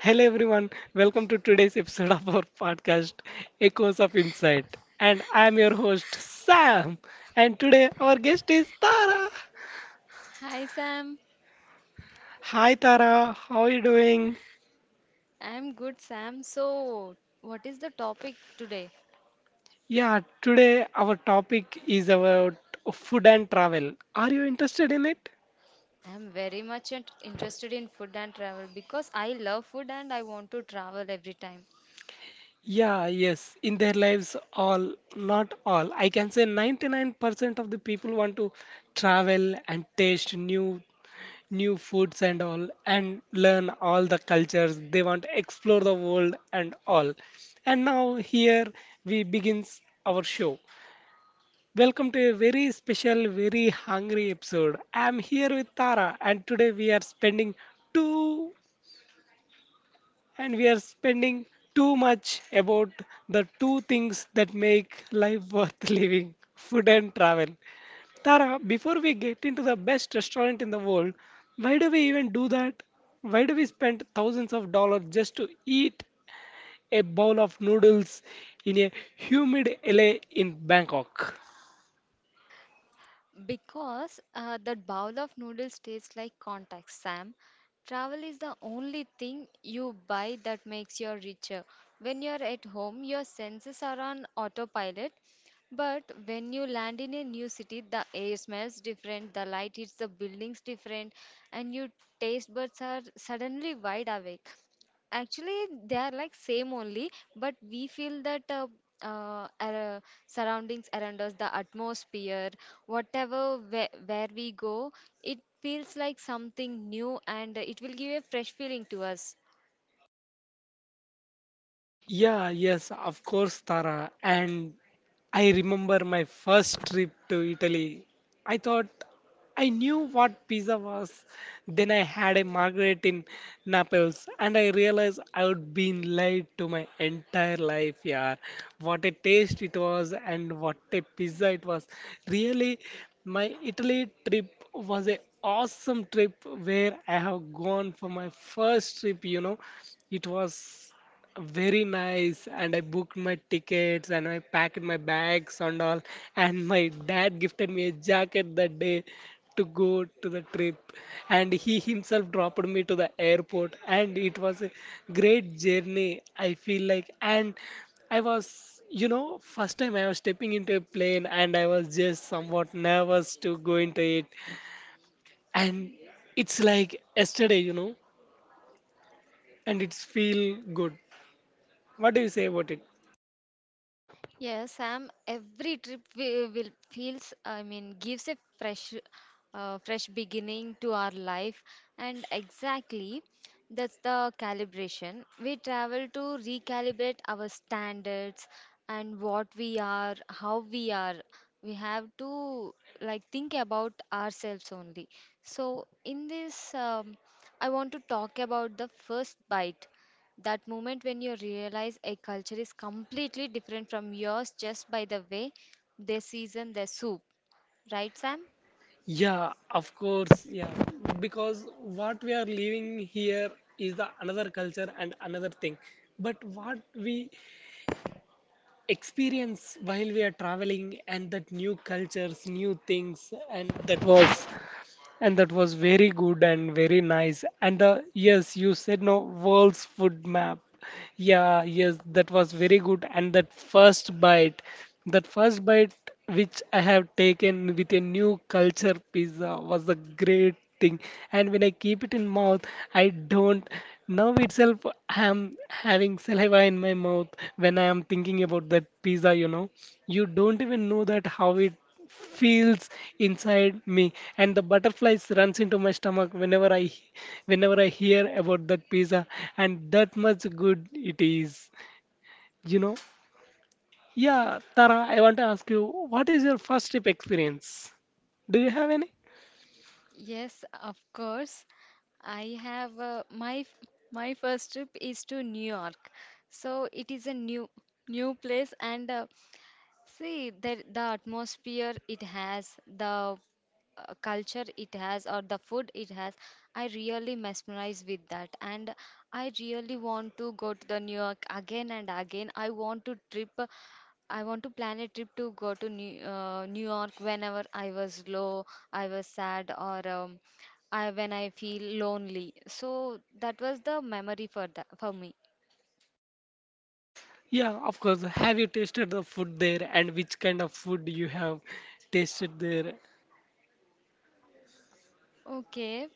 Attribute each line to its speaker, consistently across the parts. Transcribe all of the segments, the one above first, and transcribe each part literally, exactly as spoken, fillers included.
Speaker 1: Hello everyone, welcome to today's episode of our podcast Echoes of Insight. And I'm your host Sam. And today our guest is Tara.
Speaker 2: Hi Sam.
Speaker 1: Hi Tara, how are you doing?
Speaker 2: I'm good Sam. So, what is the topic today?
Speaker 1: Yeah, today our topic is about food and travel. Are you interested in it?
Speaker 2: I'm very much int- interested in food and travel because I love food and I want to travel every time.
Speaker 1: Yeah, yes, in their lives, all, not all. I can say ninety-nine percent of the people want to travel and taste new new foods and all and learn all the cultures. They want to explore the world and all. And now here we begins our show. Welcome to a very special, very hungry episode. I'm here with Tara and today we are spending two and we are spending too much about the two things that make life worth living, food and travel. Tara, before we get into the best restaurant in the world, why do we even do that? Why do we spend thousands of dollars just to eat a bowl of noodles in a humid L A in Bangkok?
Speaker 2: Because uh, that bowl of noodles tastes like contact Sam. Travel is the only thing you buy that makes you richer. When you're at home, your senses are on autopilot. But when you land in a new city, the air smells different, the light hits the buildings different, and your taste buds are suddenly wide awake. Actually, they are like same only, but we feel that uh, uh, our surroundings around us, the atmosphere, whatever where, where we go, it feels like something new and it will give a fresh feeling to us.
Speaker 1: Yeah, yes, of course, Tara. And I remember my first trip to Italy. I thought I knew what pizza was. Then I had a margherita in Naples, and I realized I would been lied to my entire life. Yeah, what a taste it was, and what a pizza it was. Really, my Italy trip was a awesome trip where I have gone for my first trip. You know, it was. Very nice. And I booked my tickets and I packed my bags and all. And my dad gifted me a jacket that day to go to the trip. And he himself dropped me to the airport. And it was a great journey, I feel like. And I was, you know, first time I was stepping into a plane and I was just somewhat nervous to go into it. And it's like yesterday, you know, and it's feel good. What do you say about it?
Speaker 2: Yes, Sam, every trip we will feels, I mean, gives a fresh, uh, fresh beginning to our life, and exactly that's the calibration. We travel to recalibrate our standards and what we are, how we are. We have to like think about ourselves only. So in this, um, I want to talk about the first bite. That moment when you realize a culture is completely different from yours just by the way they season their soup. Right, Sam?
Speaker 1: Yeah, of course. Yeah, because what we are living here is the another culture and another thing. But what we experience while we are traveling and that new cultures, new things, and that was and that was very good and very nice. And uh, yes, you said no world's food map. Yeah, yes, that was very good. And that first bite, that first bite which I have taken with a new culture pizza was a great thing. And when I keep it in mouth, I don't. Now itself, I am having saliva in my mouth when I am thinking about that pizza. You know, you don't even know that how it feels inside me, and the butterflies runs into my stomach whenever i whenever i hear about that pizza, and that much good it is, you know. Yeah Tara, I want to ask you, what is your first trip experience? Do you have any?
Speaker 2: Yes, of course. I have uh, my f- my first trip is to New York. So it is a new new place, and uh, see the the atmosphere it has, the uh, culture it has, or the food it has. I really mesmerize with that, and I really want to go to the New York again and again. I want to trip. I want to plan a trip to go to New, uh, New York whenever I was low, I was sad, or um, I when I feel lonely. So that was the memory for that for me.
Speaker 1: Yeah, of course, have you tasted the food there and which kind of food you have tasted there?
Speaker 2: Okay.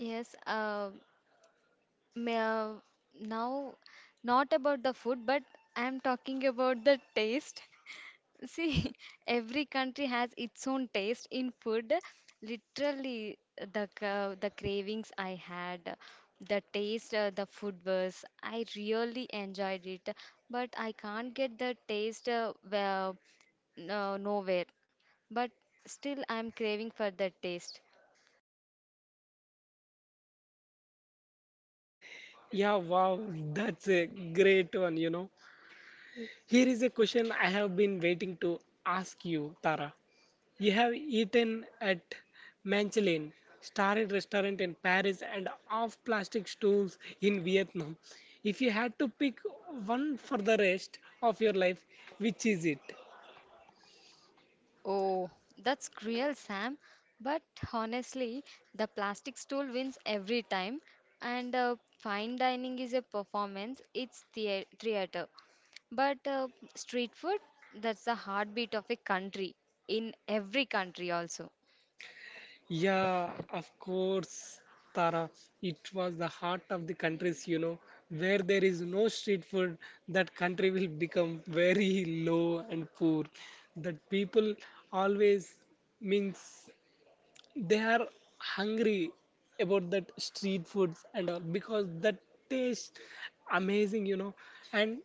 Speaker 2: Yes. Uh, ma- Now, not about the food, but I'm talking about the taste. See, every country has its own taste in food, literally. The ca- the cravings I had, the taste, uh, the food was, I really enjoyed it, but I can't get the taste, uh, well, no, nowhere. But still I'm craving for that taste.
Speaker 1: Yeah, wow, that's a great one, you know. Here is a question I have been waiting to ask you, Tara. You have eaten at Michelin starred restaurant in Paris and off plastic stools in Vietnam. If you had to pick one for the rest of your life, which is it?
Speaker 2: Oh, that's cruel, Sam. But honestly, the plastic stool wins every time. And uh, fine dining is a performance, it's thea- theater. But uh, street food, that's the heartbeat of a country, in every country also.
Speaker 1: Yeah, of course, Tara. It was the heart of the countries, you know, where there is no street food, that country will become very low and poor. That people always means they are hungry about that street foods and all because that tastes amazing, you know. and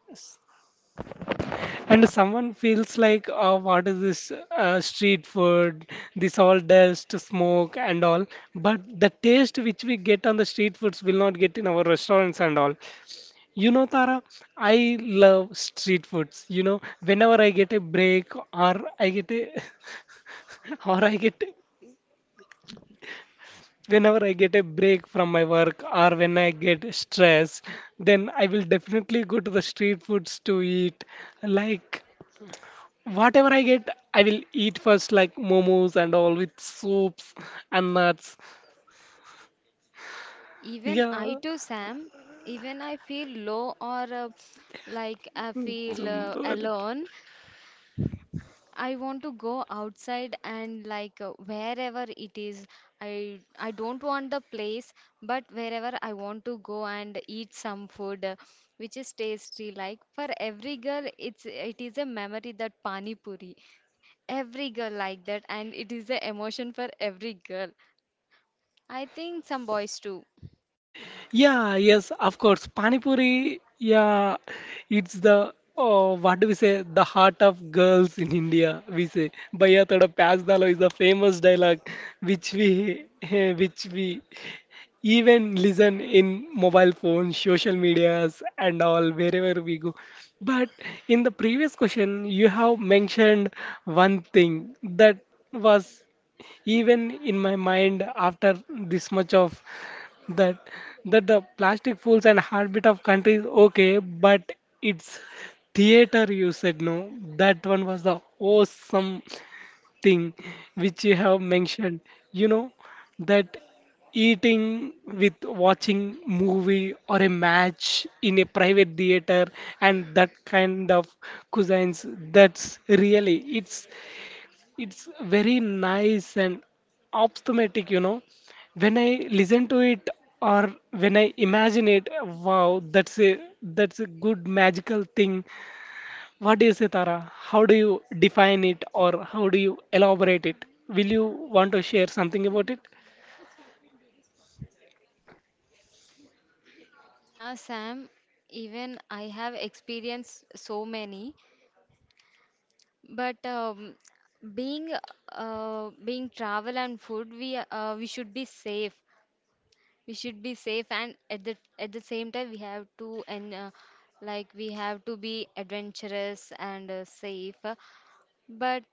Speaker 1: and someone feels like, oh, what is this uh, street food, this all dust smoke and all. But the taste which we get on the street foods will not get in our restaurants and all. You know, Tara, I love street foods. You know, whenever I get a break or I get a or I get, whenever I get a break from my work or when I get stressed, then I will definitely go to the street foods to eat. Like whatever I get, I will eat first, like momos and all with soups and nuts.
Speaker 2: Even
Speaker 1: Yeah,
Speaker 2: I too, Sam, even I feel low or uh, like I
Speaker 1: it's
Speaker 2: feel
Speaker 1: um,
Speaker 2: uh, alone, I want to go outside and like uh, wherever it is. I I don't want the place, but wherever I want to go and eat some food, uh, which is tasty. Like for every girl, it's it is a memory, that pani puri. Every girl like that, and it is the emotion for every girl. I think some boys too.
Speaker 1: yeah, yes, of course. Panipuri, yeah, it's the, oh, what do we say? The heart of girls in India. We say, "Bhaiya thoda pyaz dalo" is the famous dialogue, which we which we even listen in mobile phones, social medias, and all wherever we go. But in the previous question, you have mentioned one thing that was even in my mind after this much of that, that the plastic fools and heartbeat of countries, okay, but it's theater, you said no. That one was the awesome thing which you have mentioned, you know. That eating with watching movie or a match in a private theater and that kind of cuisines, that's really, it's it's very nice and optimistic, you know. When I listen to it or when I imagine it, wow, that's a, that's a good magical thing. What do you say, Tara? How do you define it or how do you elaborate it? Will you want to share something about it?
Speaker 2: Yeah, Sam, even I have experienced so many. But um, being uh, being travel and food, we uh, we should be safe. We should be safe, and at the at the same time, we have to, and uh, like we have to be adventurous and uh, safe. But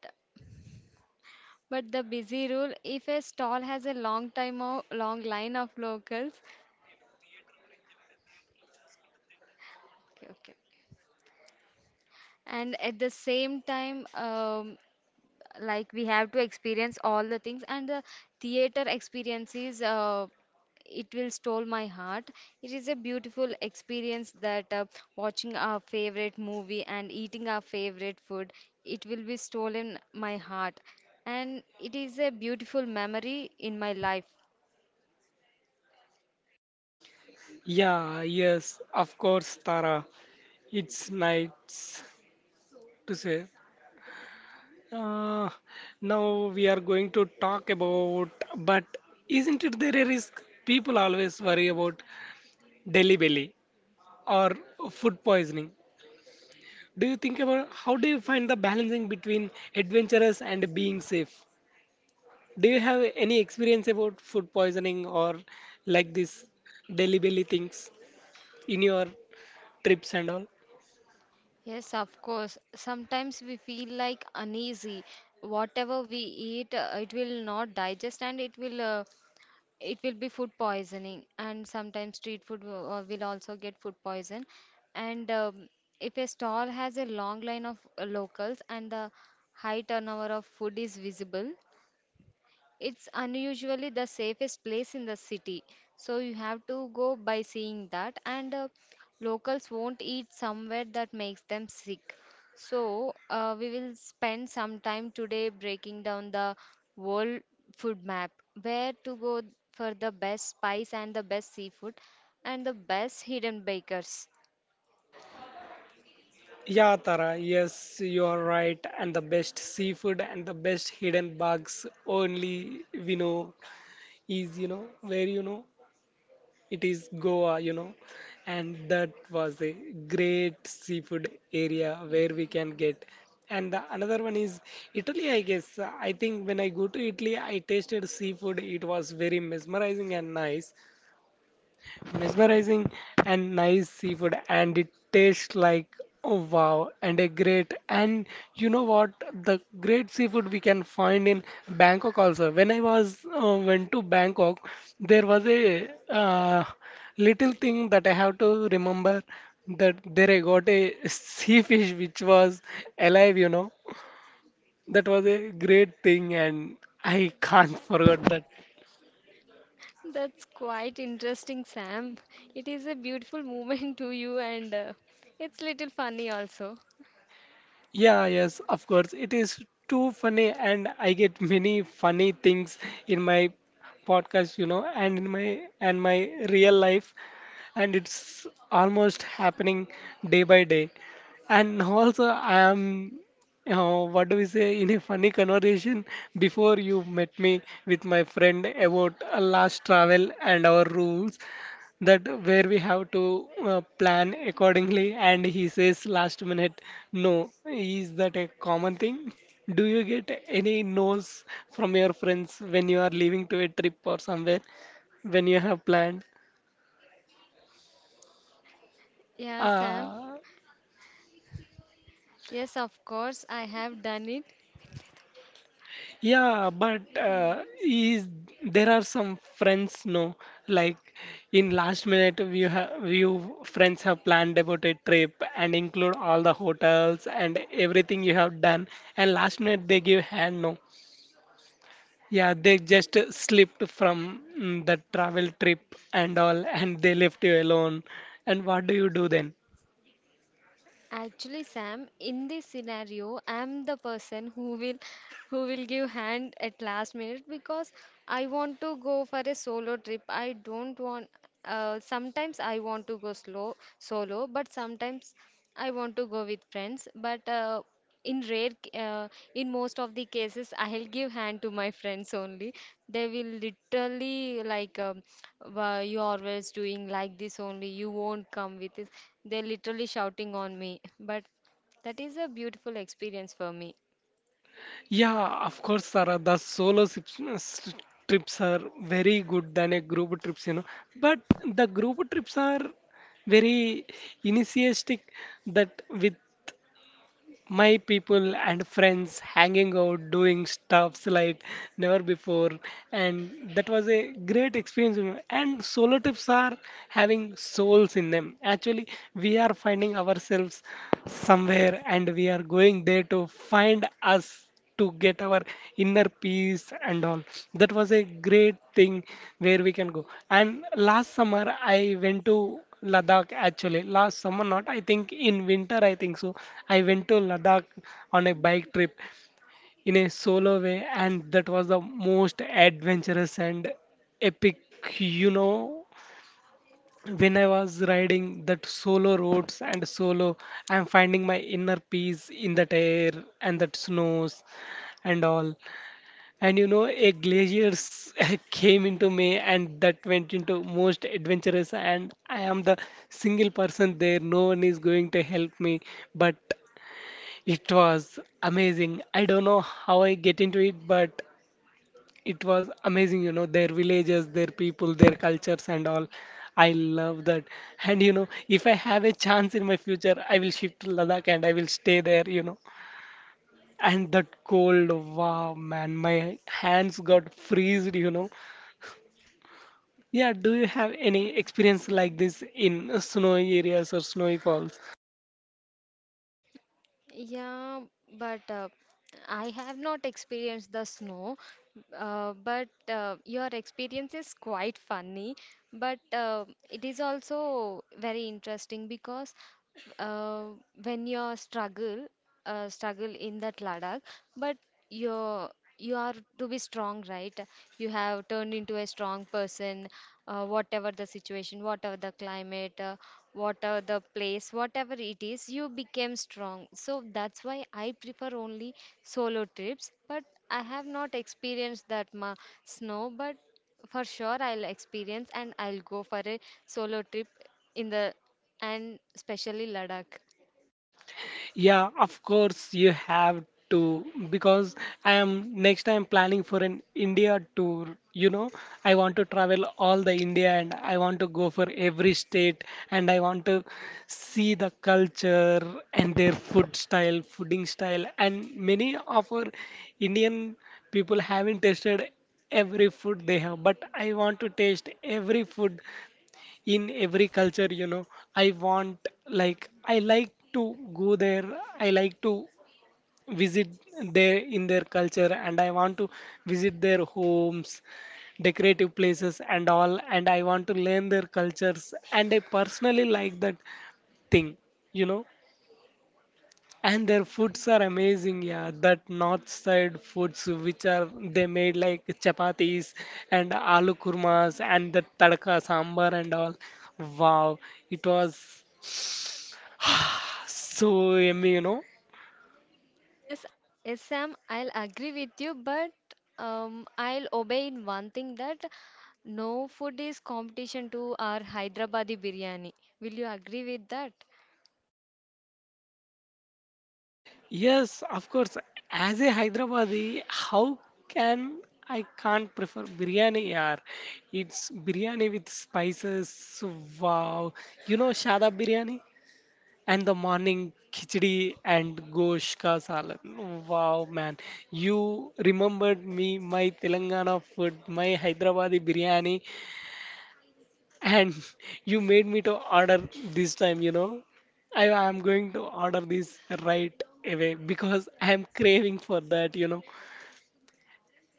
Speaker 2: but the busy rule, if a stall has a long time of long line of locals, okay, okay. And at the same time, um, like we have to experience all the things, and the theater experiences, uh, it will stole my heart. It is a beautiful experience that, uh, watching our favorite movie and eating our favorite food, it will be stolen my heart, and it is a beautiful memory in my life.
Speaker 1: Yeah, yes, of course, Tara, it's nice to say. Uh, Now we are going to talk about, but isn't it there a risk? People always worry about Delhi belly or food poisoning. Do you think about how do you find the balancing between adventurous and being safe? Do you have any experience about food poisoning or like this Delhi belly things in your trips and all?
Speaker 2: Yes, of course. Sometimes we feel like uneasy. Whatever we eat, uh, it will not digest and it will, uh, it will be food poisoning. And sometimes street food will, uh, will also get food poison. And um, if a stall has a long line of uh, locals and the high turnover of food is visible, it's unusually the safest place in the city, so you have to go by seeing that. And uh, locals won't eat somewhere that makes them sick. So uh, we will spend some time today breaking down the world food map, where to go for the best spice and the best seafood and the best hidden bakers.
Speaker 1: Yeah, Tara, yes, you are right. And the best seafood and the best hidden bugs only we know. Is, you know, where, you know, it is Goa, you know, and that was a great seafood area where we can get. And the another one is Italy, I guess. I think when I go to Italy, I tasted seafood. It was very mesmerizing and nice, mesmerizing and nice seafood, and it tastes like, oh wow, and a great. And you know what, the great seafood we can find in Bangkok also. When I was uh, went to Bangkok, there was a uh, little thing that I have to remember, that there I got a sea fish which was alive, you know. That was a great thing and I can't forget that.
Speaker 2: That's quite interesting, Sam. It is a beautiful moment to you, and uh, it's little funny also.
Speaker 1: Yeah, yes, of course. It is too funny, and I get many funny things in my podcast, you know, and in my and my real life, and it's almost happening day by day. And also, I am, uh, what do we say, in a funny conversation before you met me with my friend about uh, last travel and our rules, that where we have to uh, plan accordingly. And he says last minute, no. Is that a common thing? Do you get any no's from your friends when you are leaving to a trip or somewhere when you have planned?
Speaker 2: Yeah, Sam.
Speaker 1: Uh,
Speaker 2: Yes, of course, I have done it.
Speaker 1: Yeah, but uh, is there are some friends no, like in last minute you have, you friends have planned about a trip and include all the hotels and everything you have done, and last minute they give hand no. Yeah, they just slipped from mm, the travel trip and all, and they left you alone. And what do you do then?
Speaker 2: Actually, Sam, in this scenario, I'm the person who will who will give hand at last minute, because I want to go for a solo trip. I don't want, uh, sometimes I want to go slow solo, but sometimes I want to go with friends. But uh, in rare c- uh, in most of the cases, I'll give hand to my friends only. They will literally like, um, "Why you always doing like this only, you won't come with this?" They're literally shouting on me, but that is a beautiful experience for me.
Speaker 1: Yeah, of course, Sarah. The solo sips- s- trips are very good than a group trips, you know. But the group trips are very initiatic, that with my people and friends hanging out, doing stuffs like never before. And that was a great experience, you know. And solo trips are having souls in them. Actually, we are finding ourselves somewhere and we are going there to find us, to get our inner peace and all. That was a great thing where we can go. And last summer, I went to Ladakh actually. Last summer, not I think in winter, I think so. I went to Ladakh on a bike trip in a solo way, and that was the most adventurous and epic, you know. When I was riding that solo roads and solo, I'm finding my inner peace in that air and that snows and all. And you know, a glaciers came into me, and that went into most adventurous. And I am the single person there. No one is going to help me, but it was amazing. I don't know how I get into it, but it was amazing. You know, their villages, their people, their cultures, and all. I love that. And you know, if I have a chance in my future, I will shift to Ladakh and I will stay there. You know, and that cold, wow, man, my hands got freezed, you know. Yeah, do you have any experience like this in snowy areas or snowy falls?
Speaker 2: Yeah, but uh, I have not experienced the snow. Uh, but uh, your experience is quite funny, but uh, it is also very interesting, because uh, when you struggle, uh, struggle in that Ladakh. But your you are to be strong, right? You have turned into a strong person, uh, whatever the situation, whatever the climate, uh, whatever the place, whatever it is, you became strong. So that's why I prefer only solo trips. But I have not experienced that ma snow, but for sure I'll experience and I'll go for a solo trip in the and especially Ladakh.
Speaker 1: Yeah, of course you have to, because I am next time planning for an India tour. You know, I want to travel all the India, and I want to go for every state and I want to see the culture and their food style, fooding style. And many of our Indian people haven't tasted every food they have, but I want to taste every food in every culture. You know i want like I like to go there, I like to visit their in their culture, and I want to visit their homes, decorative places and all, and I want to learn their cultures, and I personally like that thing, you know. And their foods are amazing, yeah. That north side foods, which are they made like chapatis and aloo kurmas and the tadka sambar and all. Wow, it was so yummy, you know.
Speaker 2: Yes, yes, Sam, I'll agree with you, but um, I'll obey in one thing, that no food is competition to our Hyderabadi biryani. Will you agree with that?
Speaker 1: Yes, of course. As a Hyderabadi, how can I can't prefer biryani, yaar? It's biryani with spices. Wow, you know Shadab biryani? And the morning khichdi and gosh ka salad. Wow, man. You remembered me, my Telangana food, my Hyderabadi biryani, and you made me to order this time, you know. I am going to order this right away because I am craving for that, you know.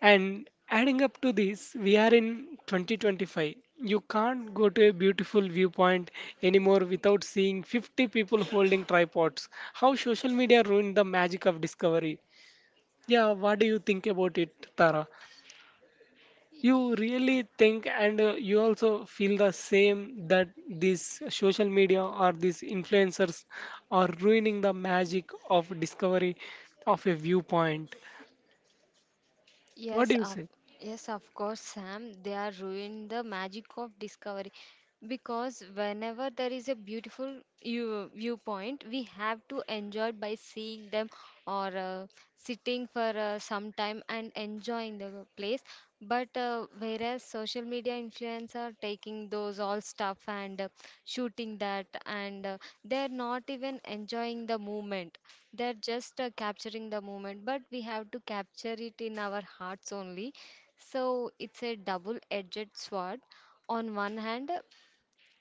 Speaker 1: And adding up to this, we are in twenty twenty-five. You can't go to a beautiful viewpoint anymore without seeing fifty people holding tripods. How social media ruined the magic of discovery. Yeah, what do you think about it, Tara? You really think and uh, you also feel the same, that this social media or these influencers are ruining the magic of discovery of a viewpoint. What do
Speaker 2: Yes,
Speaker 1: you
Speaker 2: of
Speaker 1: say?
Speaker 2: yes, of course, Sam. They are ruining the magic of discovery, because whenever there is a beautiful view, viewpoint, we have to enjoy it by seeing them, or uh, sitting for uh, some time and enjoying the place. But uh, whereas social media influencers are taking those all stuff and uh, shooting that, and uh, they're not even enjoying the moment. They're just uh, capturing the moment. But we have to capture it in our hearts only. So it's a double-edged sword. On one hand,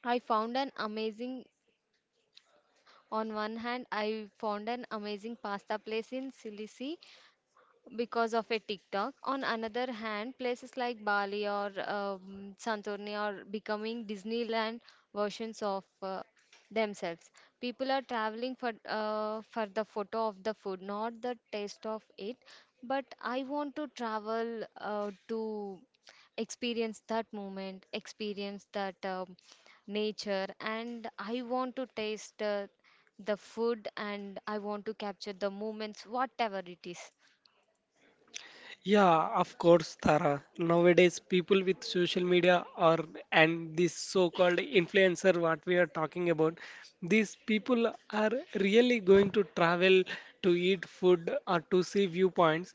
Speaker 2: I found an amazing. On one hand, I found an amazing pasta place in Sicily because of a TikTok. On another hand, places like Bali or um, Santorini are becoming Disneyland versions of uh, themselves. People are traveling for uh, for the photo of the food, not the taste of it. But I want to travel uh, to experience that moment, experience that um, nature, and I want to taste uh, the food, and I want to capture the moments, whatever it is.
Speaker 1: Yeah, of course, Tara. Nowadays, people with social media or and this so-called influencer, what we are talking about, these people are really going to travel to eat food or to see viewpoints.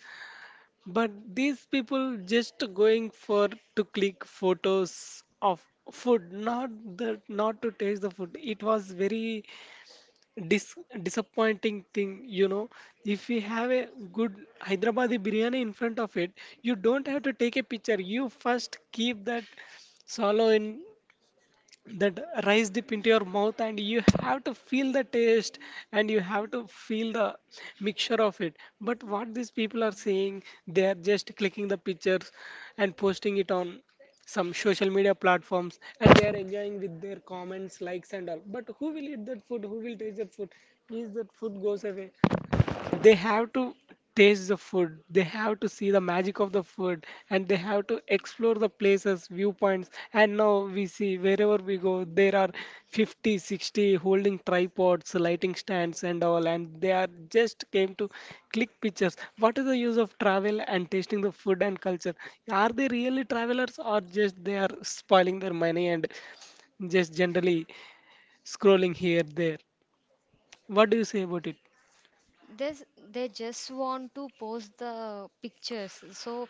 Speaker 1: But these people just going for to click photos of food, not the not to taste the food. It was very Dis disappointing thing, you know. If we have a good Hyderabadi biryani in front of it, you don't have to take a picture. You first keep that swallow in that rice dip into your mouth, and you have to feel the taste and you have to feel the mixture of it. But what these people are saying, they are just clicking the pictures and posting it on some social media platforms, and they are enjoying with their comments, likes and all. But who will eat that food? Who will taste that food? Is that food goes away? They have to taste the food, they have to see the magic of the food, and they have to explore the places, viewpoints. And now we see wherever we go there are fifty, sixty holding tripods, lighting stands and all, and they are just came to click pictures. What is the use of travel and tasting the food and culture? Are they really travelers, or just they are spoiling their money and just generally scrolling here there? What do you say about it?
Speaker 2: This, they just want to post the pictures. So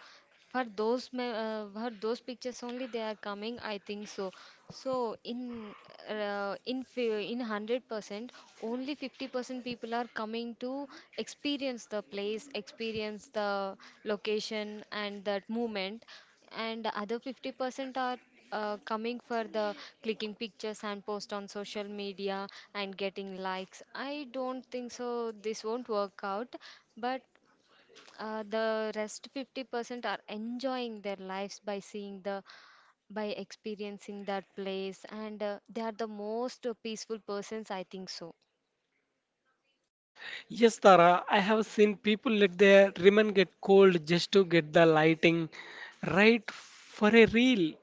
Speaker 2: for those me- uh, for those pictures only they are coming, I think so. So in uh, in fi- in hundred percent, only fifty percent people are coming to experience the place, experience the location and that movement, and other fifty percent are uh, coming for the clicking pictures and post on social media and getting likes. I don't think so, this won't work out. But uh, the rest fifty percent are enjoying their lives by seeing the by experiencing that place, and uh, they are the most peaceful persons, I think so.
Speaker 1: Yes, Tara, I have seen people let their ribbon get cold just to get the lighting right for a reel.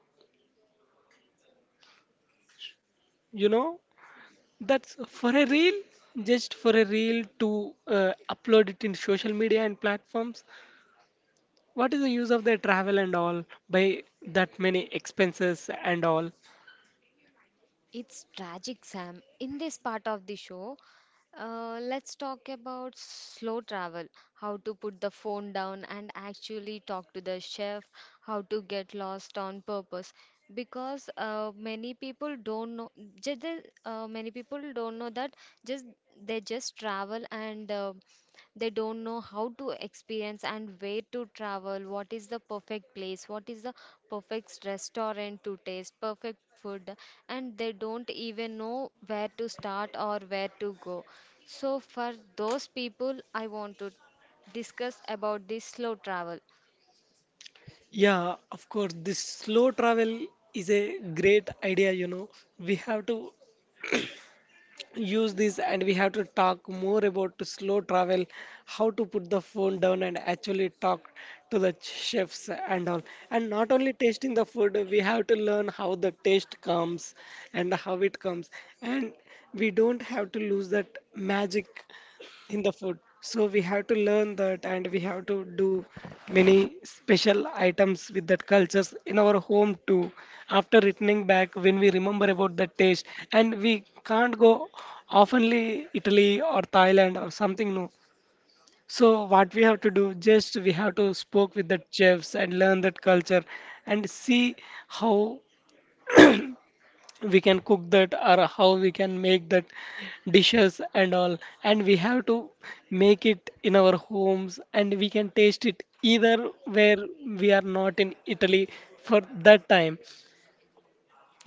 Speaker 1: You know, that's for a reel, just for a reel to uh, upload it in social media and platforms. What is the use of their travel and all by that many expenses and all?
Speaker 2: It's tragic, Sam. In this part of the show, Uh, let's talk about slow travel, how to put the phone down and actually talk to the chef, how to get lost on purpose. Because uh, many people don't know, just, uh, many people don't know that just they just travel, and uh, they don't know how to experience and where to travel, what is the perfect place, what is the perfect restaurant to taste, perfect food, and they don't even know where to start or where to go. So for those people, I want to discuss about this slow travel.
Speaker 1: Yeah, of course, this slow travel is a great idea, you know. We have to use this, and we have to talk more about to slow travel, how to put the phone down and actually talk to the chefs and all. And not only tasting the food, we have to learn how the taste comes and how it comes, and we don't have to lose that magic in the food. So we have to learn that, and we have to do many special items with that cultures in our home too. After returning back, when we remember about the taste, and we can't go oftenly Italy or Thailand or something new. So what we have to do, just we have to spoke with the chefs and learn that culture and see how we can cook that or how we can make that dishes and all. And we have to make it in our homes and we can taste it either where we are not in Italy for that time.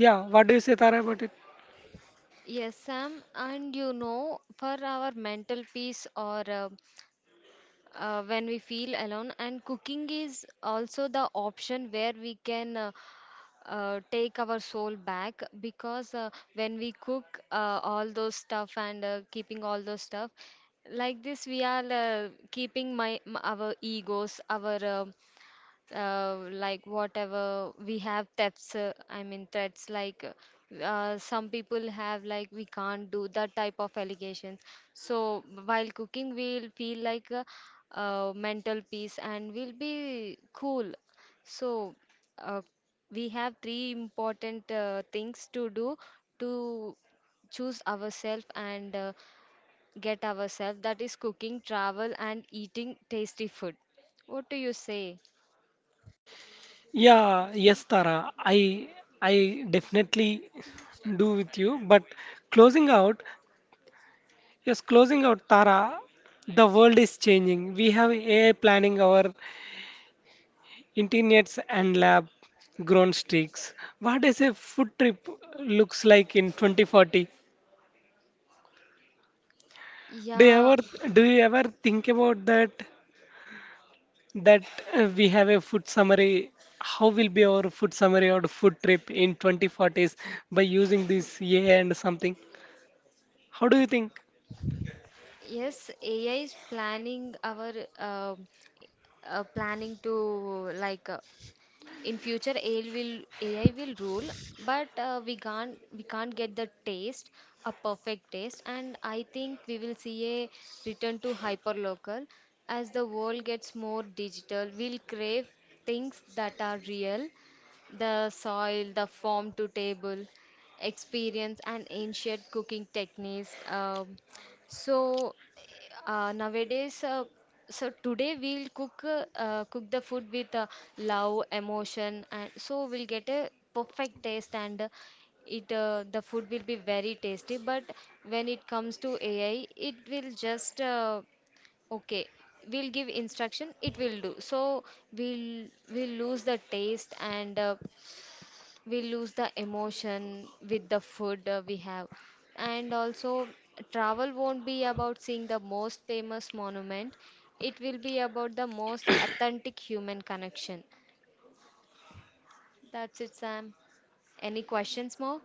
Speaker 1: Yeah, what do you say, Tara, about it?
Speaker 2: Yes, Sam, and you know, for our mental peace or uh, uh, when we feel alone, and cooking is also the option where we can, uh, uh, take our soul back. Because uh, when we cook, uh, all those stuff, and uh, keeping all those stuff like this, we are, uh, keeping my m- our egos, our, uh, uh, like whatever we have thefts, uh, I mean threats, like uh, some people have, like we can't do that type of allegations. So while cooking we'll feel like a uh mental peace and we'll be cool. So uh, we have three important uh, things to do, to choose ourselves, and uh, get ourselves, that is cooking, travel, and eating tasty food. What do you say?
Speaker 1: Yeah yes Tara, I I definitely do with you. But closing out, yes, closing out, Tara, the world is changing. We have A I planning our internets and lab grown sticks. What does a food trip looks like in twenty forty? Do you
Speaker 2: Yeah.
Speaker 1: ever do you ever think about that? That uh, we have a food summary. How will be our food summary or food trip in twenty forties by using this A I and something? How do you think?
Speaker 2: Yes, A I is planning our, uh, uh, planning to like uh, in future A I will A I will rule. But uh, we can't we can't get the taste, a perfect taste. And I think we will see a return to hyperlocal. As the world gets more digital, we'll crave things that are real, the soil, the farm to table experience, and ancient cooking techniques. Um, so uh, nowadays, uh, so today we'll cook uh, uh, cook the food with uh, love, emotion, and so we'll get a perfect taste. And uh, it uh, the food will be very tasty. But when it comes to A I, it will just, uh, okay, we'll give instruction, it will do. So we'll we'll lose the taste, and uh, we lose the emotion with the food uh, we have. And also, travel won't be about seeing the most famous monument, it will be about the most authentic human connection. That's it, Sam. Any questions more?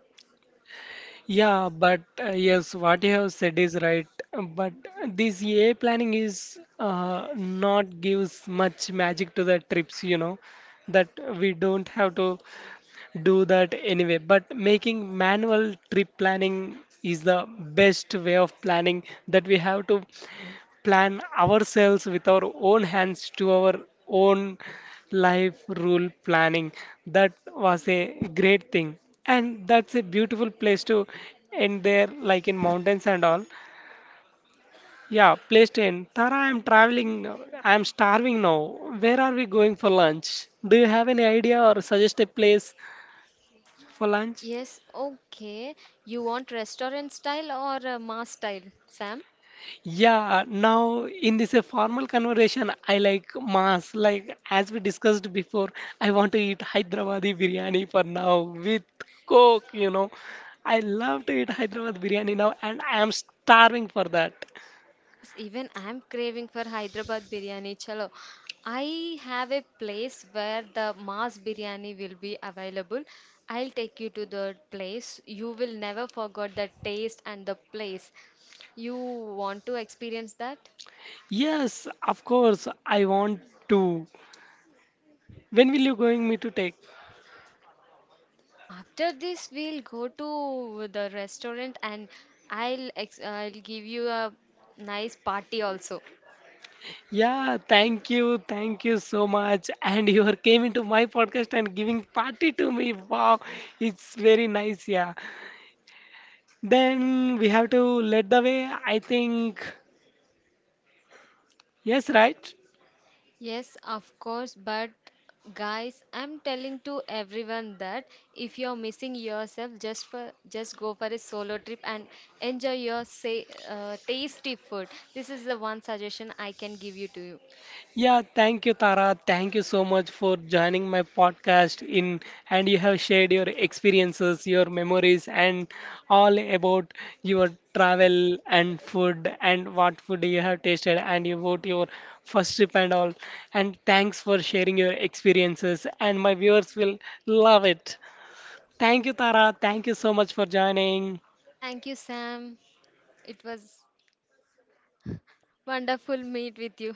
Speaker 1: Yeah, but uh, yes, what you have said is right. But this E A planning is uh, not gives much magic to the trips, you know. That we don't have to do that anyway. But making manual trip planning is the best way of planning. That we have to plan ourselves with our own hands to our own life rule planning. That was a great thing. And that's a beautiful place to end there, like in mountains and all. Yeah, place to end. Tara, I'm traveling. Now I'm starving now. Where are we going for lunch? Do you have any idea or suggest a place for lunch?
Speaker 2: Yes, okay. You want restaurant style or uh, mass style, Sam?
Speaker 1: Yeah, now in this a formal conversation, I like mass. Like as we discussed before, I want to eat Hyderabadi biryani for now with Coke, you know. I love to eat Hyderabad biryani now, and I am starving for that.
Speaker 2: Yes, even I'm craving for Hyderabad biryani. Chalo, I have a place where the mass biryani will be available. I'll take you to the place. You will never forget the taste and the place. You want to experience that?
Speaker 1: Yes, of course, I want to. When will you going me to take?
Speaker 2: Uh, After this, we'll go to the restaurant, and I'll ex I'll give you a nice party also.
Speaker 1: Yeah, thank you, thank you so much. And you are came into my podcast and giving party to me. Wow, it's very nice. Yeah, then we have to let the way. I think, yes, right?
Speaker 2: Yes, of course. But guys, I'm telling to everyone that if you're missing yourself, just for just go for a solo trip and enjoy your say uh, tasty food. This is the one suggestion I can give you to you.
Speaker 1: Yeah, thank you, Tara. Thank you so much for joining my podcast in, and you have shared your experiences, your memories and all about your travel and food and what food you have tasted and about your first trip and all. And thanks for sharing your experiences, and my viewers will love it. Thank you, Tara. Thank you so much for joining.
Speaker 2: Thank you, Sam. It was wonderful meet with you.